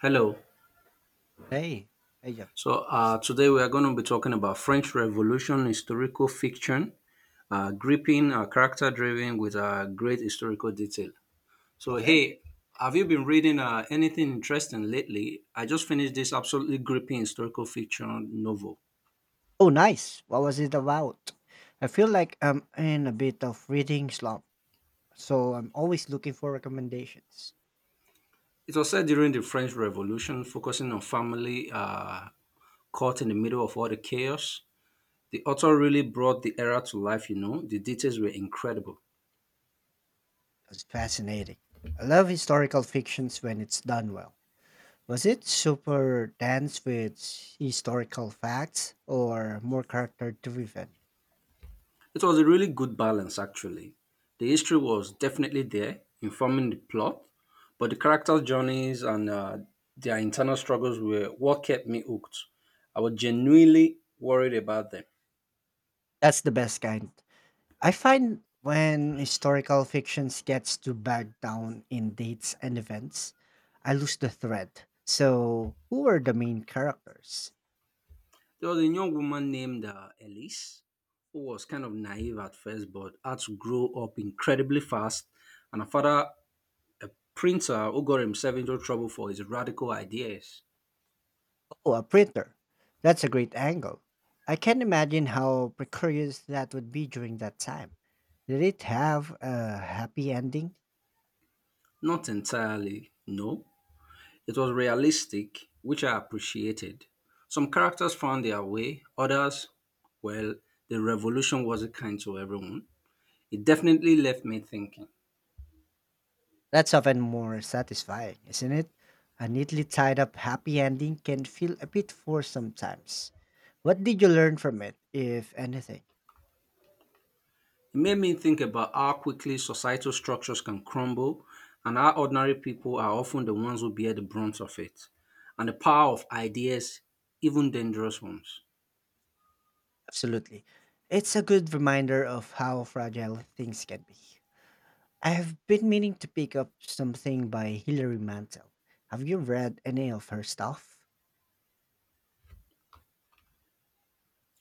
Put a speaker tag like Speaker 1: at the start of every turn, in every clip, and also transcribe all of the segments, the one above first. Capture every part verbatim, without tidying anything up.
Speaker 1: Hello.
Speaker 2: Hey, hey, Jeff.
Speaker 1: So uh, today we are going to be talking about French Revolution historical fiction, uh, gripping, uh, character-driven with uh, great historical detail. So
Speaker 2: Okay.
Speaker 1: hey, have you been reading uh, anything interesting lately? I just finished this absolutely gripping historical fiction novel.
Speaker 2: Oh, nice. What was it about? I feel like I'm in a bit of reading slump, so I'm always looking for recommendations.
Speaker 1: It was set during the French Revolution, focusing on family uh, caught in the middle of all the chaos. The author really brought the era to life. You know, the details were incredible.
Speaker 2: It's fascinating. I love historical fictions when it's done well. Was it super dense with historical facts or more character driven?
Speaker 1: It was a really good balance, actually. The history was definitely there, informing the plot, but the characters' journeys and uh, their internal struggles were what kept me hooked. I was genuinely worried about them.
Speaker 2: That's the best kind. I find when historical fictions gets too bogged down in dates and events, I lose the thread. So, who were the main characters?
Speaker 1: There was a young woman named uh, Elise who was kind of naive at first, but had to grow up incredibly fast, and her father, a printer who got himself into trouble for his radical ideas.
Speaker 2: Oh, a printer. That's a great angle. I can imagine how precarious that would be during that time. Did it have a happy ending?
Speaker 1: Not entirely, no, it was realistic, which I appreciated. Some characters found their way, others, well, the revolution wasn't kind to everyone. It definitely left me thinking.
Speaker 2: That's often more satisfying, isn't it? A neatly tied up happy ending can feel a bit forced sometimes. What did you learn from it, if anything?
Speaker 1: It made me think about how quickly societal structures can crumble and how ordinary people are often the ones who bear the brunt of it, and the power of ideas, even dangerous ones.
Speaker 2: Absolutely. It's a good reminder of how fragile things can be. I have been meaning to pick up something by Hilary Mantel. Have you read any of her stuff?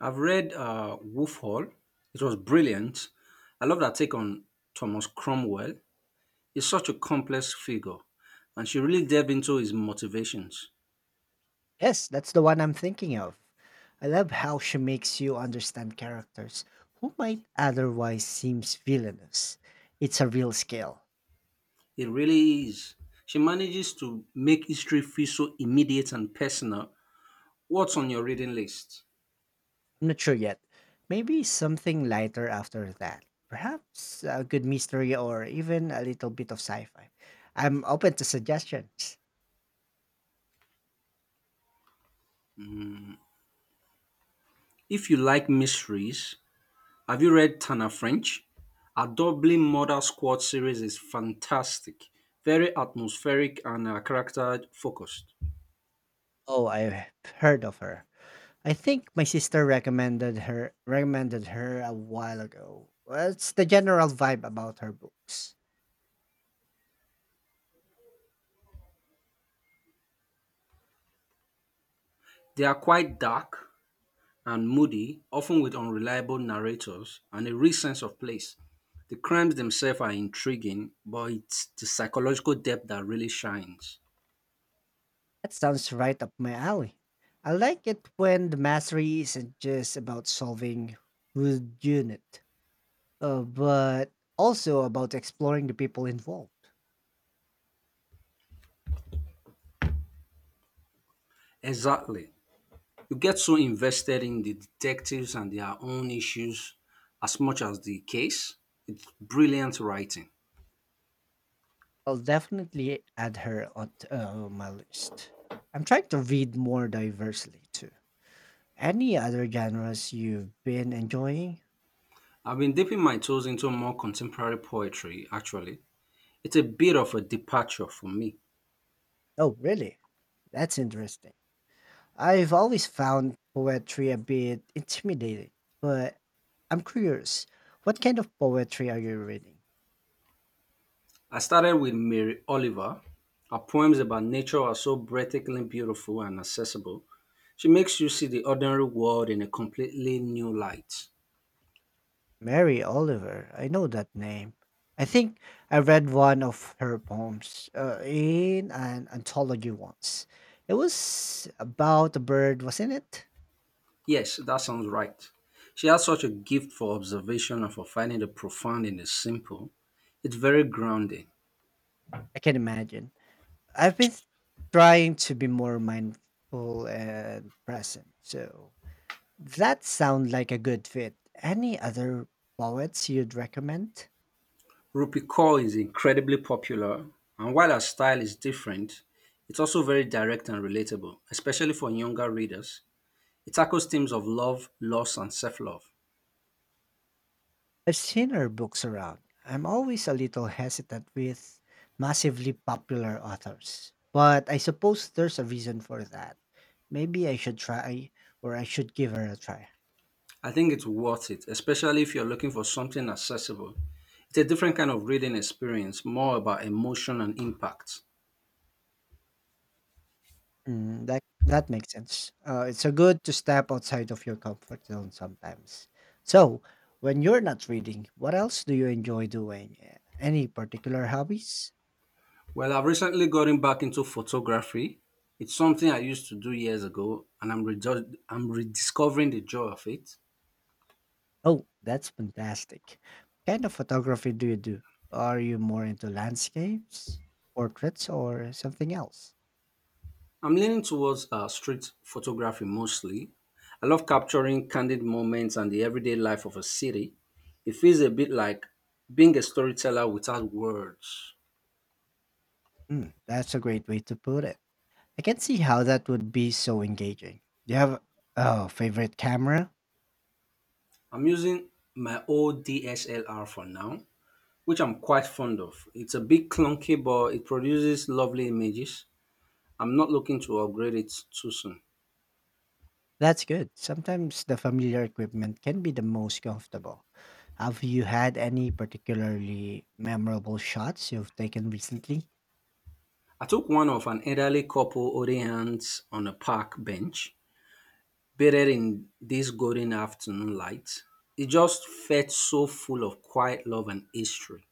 Speaker 1: I've read uh, Wolf Hall, it was brilliant. I love that take on Thomas Cromwell. He's such a complex figure, and she really delved into his motivations.
Speaker 2: Yes, that's the one I'm thinking of. I love how she makes you understand characters who might otherwise seem villainous. It's a real skill.
Speaker 1: It really is. She manages to make history feel so immediate and personal. What's on your reading list?
Speaker 2: I'm not sure yet. Maybe something lighter after that. Perhaps a good mystery or even a little bit of sci fi. I'm open to suggestions.
Speaker 1: If you like mysteries, have you read Tana French? Her Dublin Murder Squad series is fantastic, very atmospheric and uh, character focused.
Speaker 2: Oh, I've heard of her. I think my sister recommended her recommended her a while ago. What's the general vibe about her books?
Speaker 1: They are quite dark, and moody, often with unreliable narrators and a real sense of place. The crimes themselves are intriguing, but it's the psychological depth that really shines.
Speaker 2: That sounds right up my alley. I like it when the mastery isn't just about solving who's unit, uh, but also about exploring the people involved.
Speaker 1: Exactly. You get so invested in the detectives and their own issues as much as the case. It's brilliant writing.
Speaker 2: I'll definitely add her on t- uh, my list. I'm trying to read more diversely too. Any other genres you've been enjoying?
Speaker 1: I've been dipping my toes into more contemporary poetry, actually. It's a bit of a departure for me.
Speaker 2: Oh, really? That's interesting. I've always found poetry a bit intimidating, but I'm curious. What kind of poetry are you reading?
Speaker 1: I started with Mary Oliver. Her poems about nature are so breathtakingly beautiful and accessible. She makes you see the ordinary world in a completely new light.
Speaker 2: Mary Oliver. I know that name. I think I read one of her poems uh, in an anthology once. It was about a bird, wasn't it?
Speaker 1: Yes, that sounds right. She has such a gift for observation and for finding the profound in the simple. It's very grounding.
Speaker 2: I can imagine. I've been trying to be more mindful and present, so that sounds like a good fit. Any other poets you'd recommend?
Speaker 1: Rupi Kaur is incredibly popular, and while her style is different, it's also very direct and relatable, especially for younger readers. It tackles themes of love, loss, and self love.
Speaker 2: I've seen her books around. I'm always a little hesitant with massively popular authors, but I suppose there's a reason for that. Maybe I should try or I should give her a try.
Speaker 1: I think it's worth it, especially if you're looking for something accessible. It's a different kind of reading experience, more about emotion and impact.
Speaker 2: Mm, that that makes sense. Uh, it's a good to step outside of your comfort zone sometimes. So, when you're not reading, what else do you enjoy doing? Uh, Any particular hobbies?
Speaker 1: Well, I've recently gotten back into photography. It's something I used to do years ago, and I'm, rejo- I'm rediscovering the joy of it.
Speaker 2: Oh, that's fantastic. What kind of photography do you do? Are you more into landscapes, portraits, or something else?
Speaker 1: I'm leaning towards uh, street photography mostly. I love capturing candid moments and the everyday life of a city. It feels a bit like being a storyteller without words.
Speaker 2: Mm, that's a great way to put it. I can see how that would be so engaging. Do you have a favorite camera?
Speaker 1: I'm using my old D S L R for now, which I'm quite fond of. It's a bit clunky, but it produces lovely images. I'm not looking to upgrade it too soon.
Speaker 2: That's good. Sometimes the familiar equipment can be the most comfortable. Have you had any particularly memorable shots you've taken recently?
Speaker 1: I took one of an elderly couple holding hands on a park bench, bathed in this golden afternoon light. It just felt so full of quiet love and history.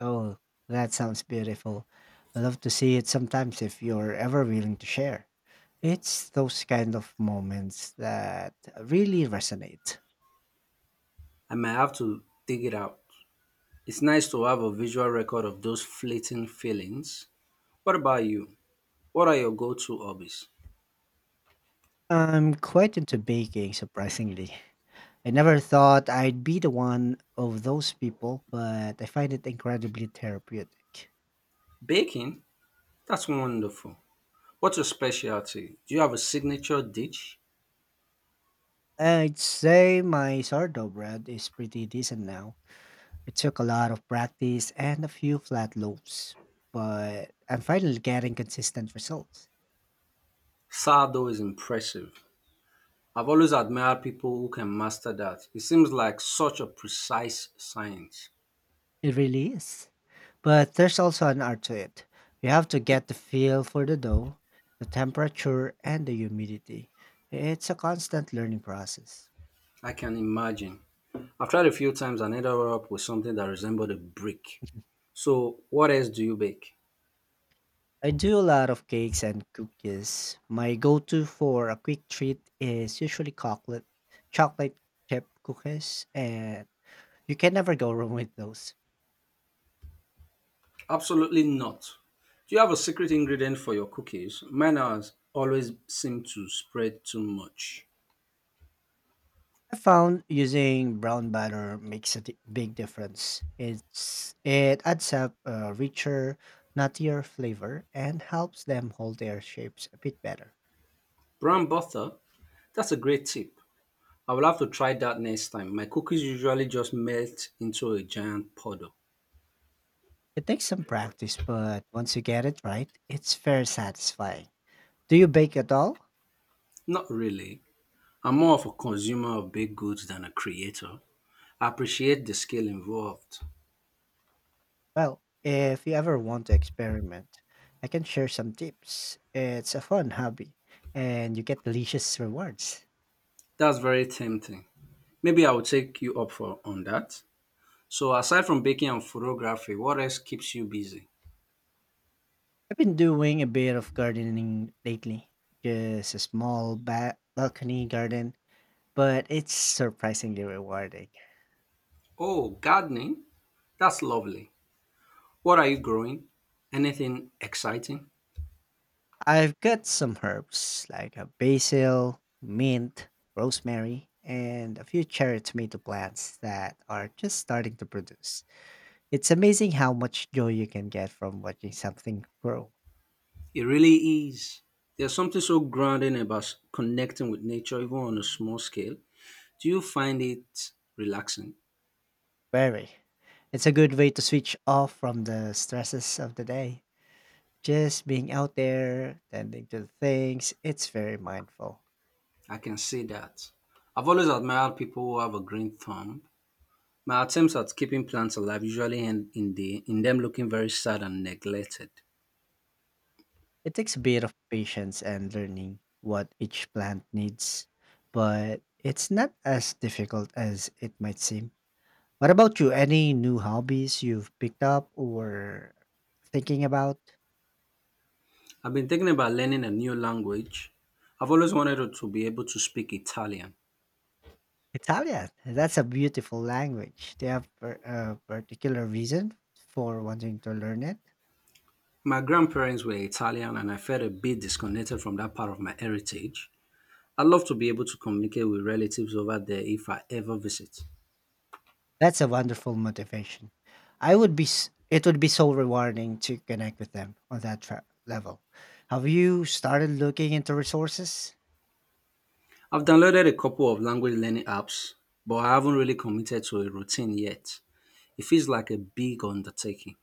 Speaker 2: Oh, that sounds beautiful. I love to see it sometimes if you're ever willing to share. It's those kind of moments that really resonate.
Speaker 1: I might have to dig it out. It's nice to have a visual record of those fleeting feelings. What about you? What are your go to hobbies?
Speaker 2: I'm quite into baking, surprisingly. I never thought I'd be the one of those people, but I find it incredibly therapeutic.
Speaker 1: Baking? That's wonderful. What's your specialty? Do you have a signature dish?
Speaker 2: I'd say my sourdough bread is pretty decent now. It took a lot of practice and a few flat loaves, but I'm finally getting consistent results.
Speaker 1: Sourdough is impressive. I've always admired people who can master that. It seems like such a precise science.
Speaker 2: It really is. But there's also an art to it. You have to get the feel for the dough, the temperature, and the humidity. It's a constant learning process.
Speaker 1: I can imagine. I've tried a few times and ended up with something that resembled a brick. So, what else do you bake?
Speaker 2: I do a lot of cakes and cookies. My go-to for a quick treat is usually chocolate, chocolate chip cookies, and you can never go wrong with those.
Speaker 1: Absolutely not. Do you have a secret ingredient for your cookies? Mine has always seem to spread too much.
Speaker 2: I found using brown butter makes a di- big difference. It's it adds up a richer, nuttier flavor and helps them hold their shapes a bit better.
Speaker 1: Brown butter? That's a great tip. I will have to try that next time. My cookies usually just melt into a giant puddle.
Speaker 2: It takes some practice, but once you get it right, it's very satisfying. Do you bake at all?
Speaker 1: Not really. I'm more of a consumer of baked goods than a creator. I appreciate the skill involved.
Speaker 2: Well, if you ever want to experiment, I can share some tips. It's a fun hobby and you get delicious rewards.
Speaker 1: That's very tempting. Maybe I will take you up for on that. So aside from baking and photography, what else keeps you busy?
Speaker 2: I've been doing a bit of gardening lately, just a small ba- balcony garden, but it's surprisingly rewarding.
Speaker 1: Oh, gardening. That's lovely. What are you growing? Anything exciting?
Speaker 2: I've got some herbs like a basil, mint, rosemary, and a few cherry tomato plants that are just starting to produce. It's amazing how much joy you can get from watching something grow.
Speaker 1: It really is. There's something so grounding about s- connecting with nature, even on a small scale. Do you find it relaxing?
Speaker 2: Very. It's a good way to switch off from the stresses of the day. Just being out there, tending to things, it's very mindful.
Speaker 1: I can say that. I've always admired people who have a green thumb. My attempts at keeping plants alive usually end in the in them looking very sad and neglected.
Speaker 2: It takes a bit of patience and learning what each plant needs, but it's not as difficult as it might seem. What about you? Any new hobbies you've picked up or thinking about?
Speaker 1: I've been thinking about learning a new language. I've always wanted to to be able to speak Italian.
Speaker 2: Italian. That's a beautiful language. Do you have per- a particular reason for wanting to learn it?
Speaker 1: My grandparents were Italian and I felt a bit disconnected from that part of my heritage. I'd love to be able to communicate with relatives over there if I ever visit.
Speaker 2: That's a wonderful motivation. I would be s- It would be so rewarding to connect with them on that tra- level. Have you started looking into resources?
Speaker 1: I've downloaded a couple of language learning apps, but I haven't really committed to a routine yet. It feels like a big undertaking.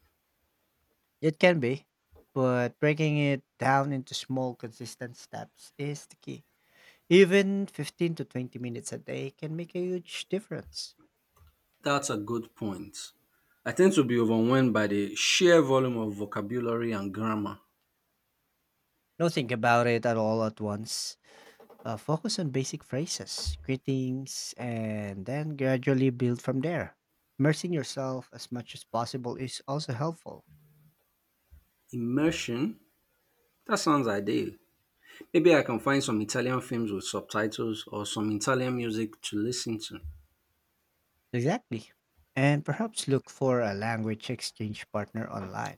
Speaker 2: It can be, but breaking it down into small consistent steps is the key. Even fifteen to twenty minutes a day can make a huge difference.
Speaker 1: That's a good point. I tend to be overwhelmed by the sheer volume of vocabulary and grammar.
Speaker 2: Don't think about it at all at once. Uh, focus on basic phrases, greetings, and then gradually build from there. Immersing yourself as much as possible is also helpful.
Speaker 1: Immersion? That sounds ideal. Maybe I can find some Italian films with subtitles or some Italian music to listen to.
Speaker 2: Exactly. And perhaps look for a language exchange partner online.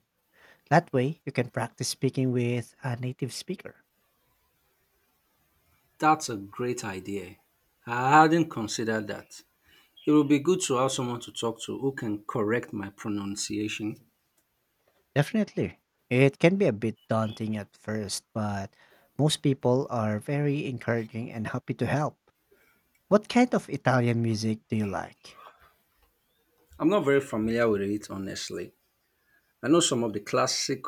Speaker 2: That way, you can practice speaking with a native speaker.
Speaker 1: That's a great idea. I hadn't considered that. It would be good to have someone to talk to who can correct my pronunciation.
Speaker 2: Definitely. It can be a bit daunting at first, but most people are very encouraging and happy to help. What kind of Italian music do you like?
Speaker 1: I'm not very familiar with it, honestly. I know some of the classic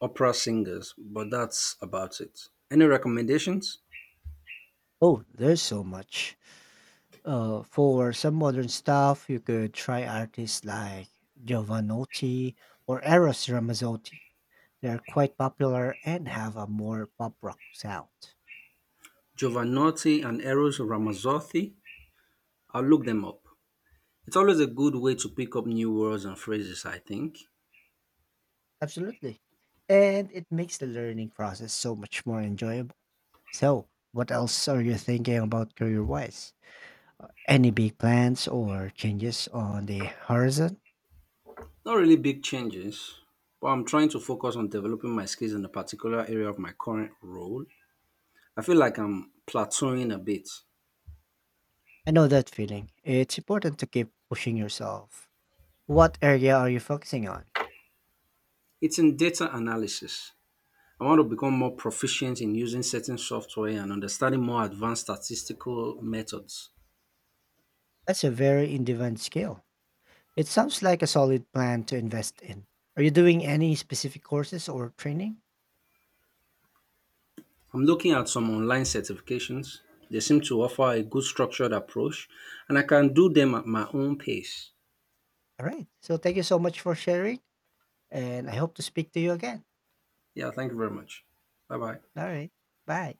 Speaker 1: opera singers, but that's about it. Any recommendations?
Speaker 2: Oh, there's so much. Uh, for some modern stuff, you could try artists like Giovanotti or Eros Ramazzotti. They are quite popular and have a more pop rock sound.
Speaker 1: Giovanotti and Eros Ramazzotti? I'll look them up. It's always a good way to pick up new words and phrases, I think.
Speaker 2: Absolutely. And it makes the learning process so much more enjoyable. So, what else are you thinking about career wise? Any big plans or changes on the horizon?
Speaker 1: Not really big changes, but I'm trying to focus on developing my skills in a particular area of my current role. I feel like I'm plateauing a bit.
Speaker 2: I know that feeling. It's important to keep pushing yourself. What area are you focusing on?
Speaker 1: It's in data analysis. I want to become more proficient in using certain software and understanding more advanced statistical methods.
Speaker 2: That's a very in-demand skill. It sounds like a solid plan to invest in. Are you doing any specific courses or training?
Speaker 1: I'm looking at some online certifications. They seem to offer a good structured approach, and I can do them at my own pace.
Speaker 2: All right. So thank you so much for sharing. And I hope to speak to you again.
Speaker 1: Yeah, thank you very much. Bye bye.
Speaker 2: Alright, bye.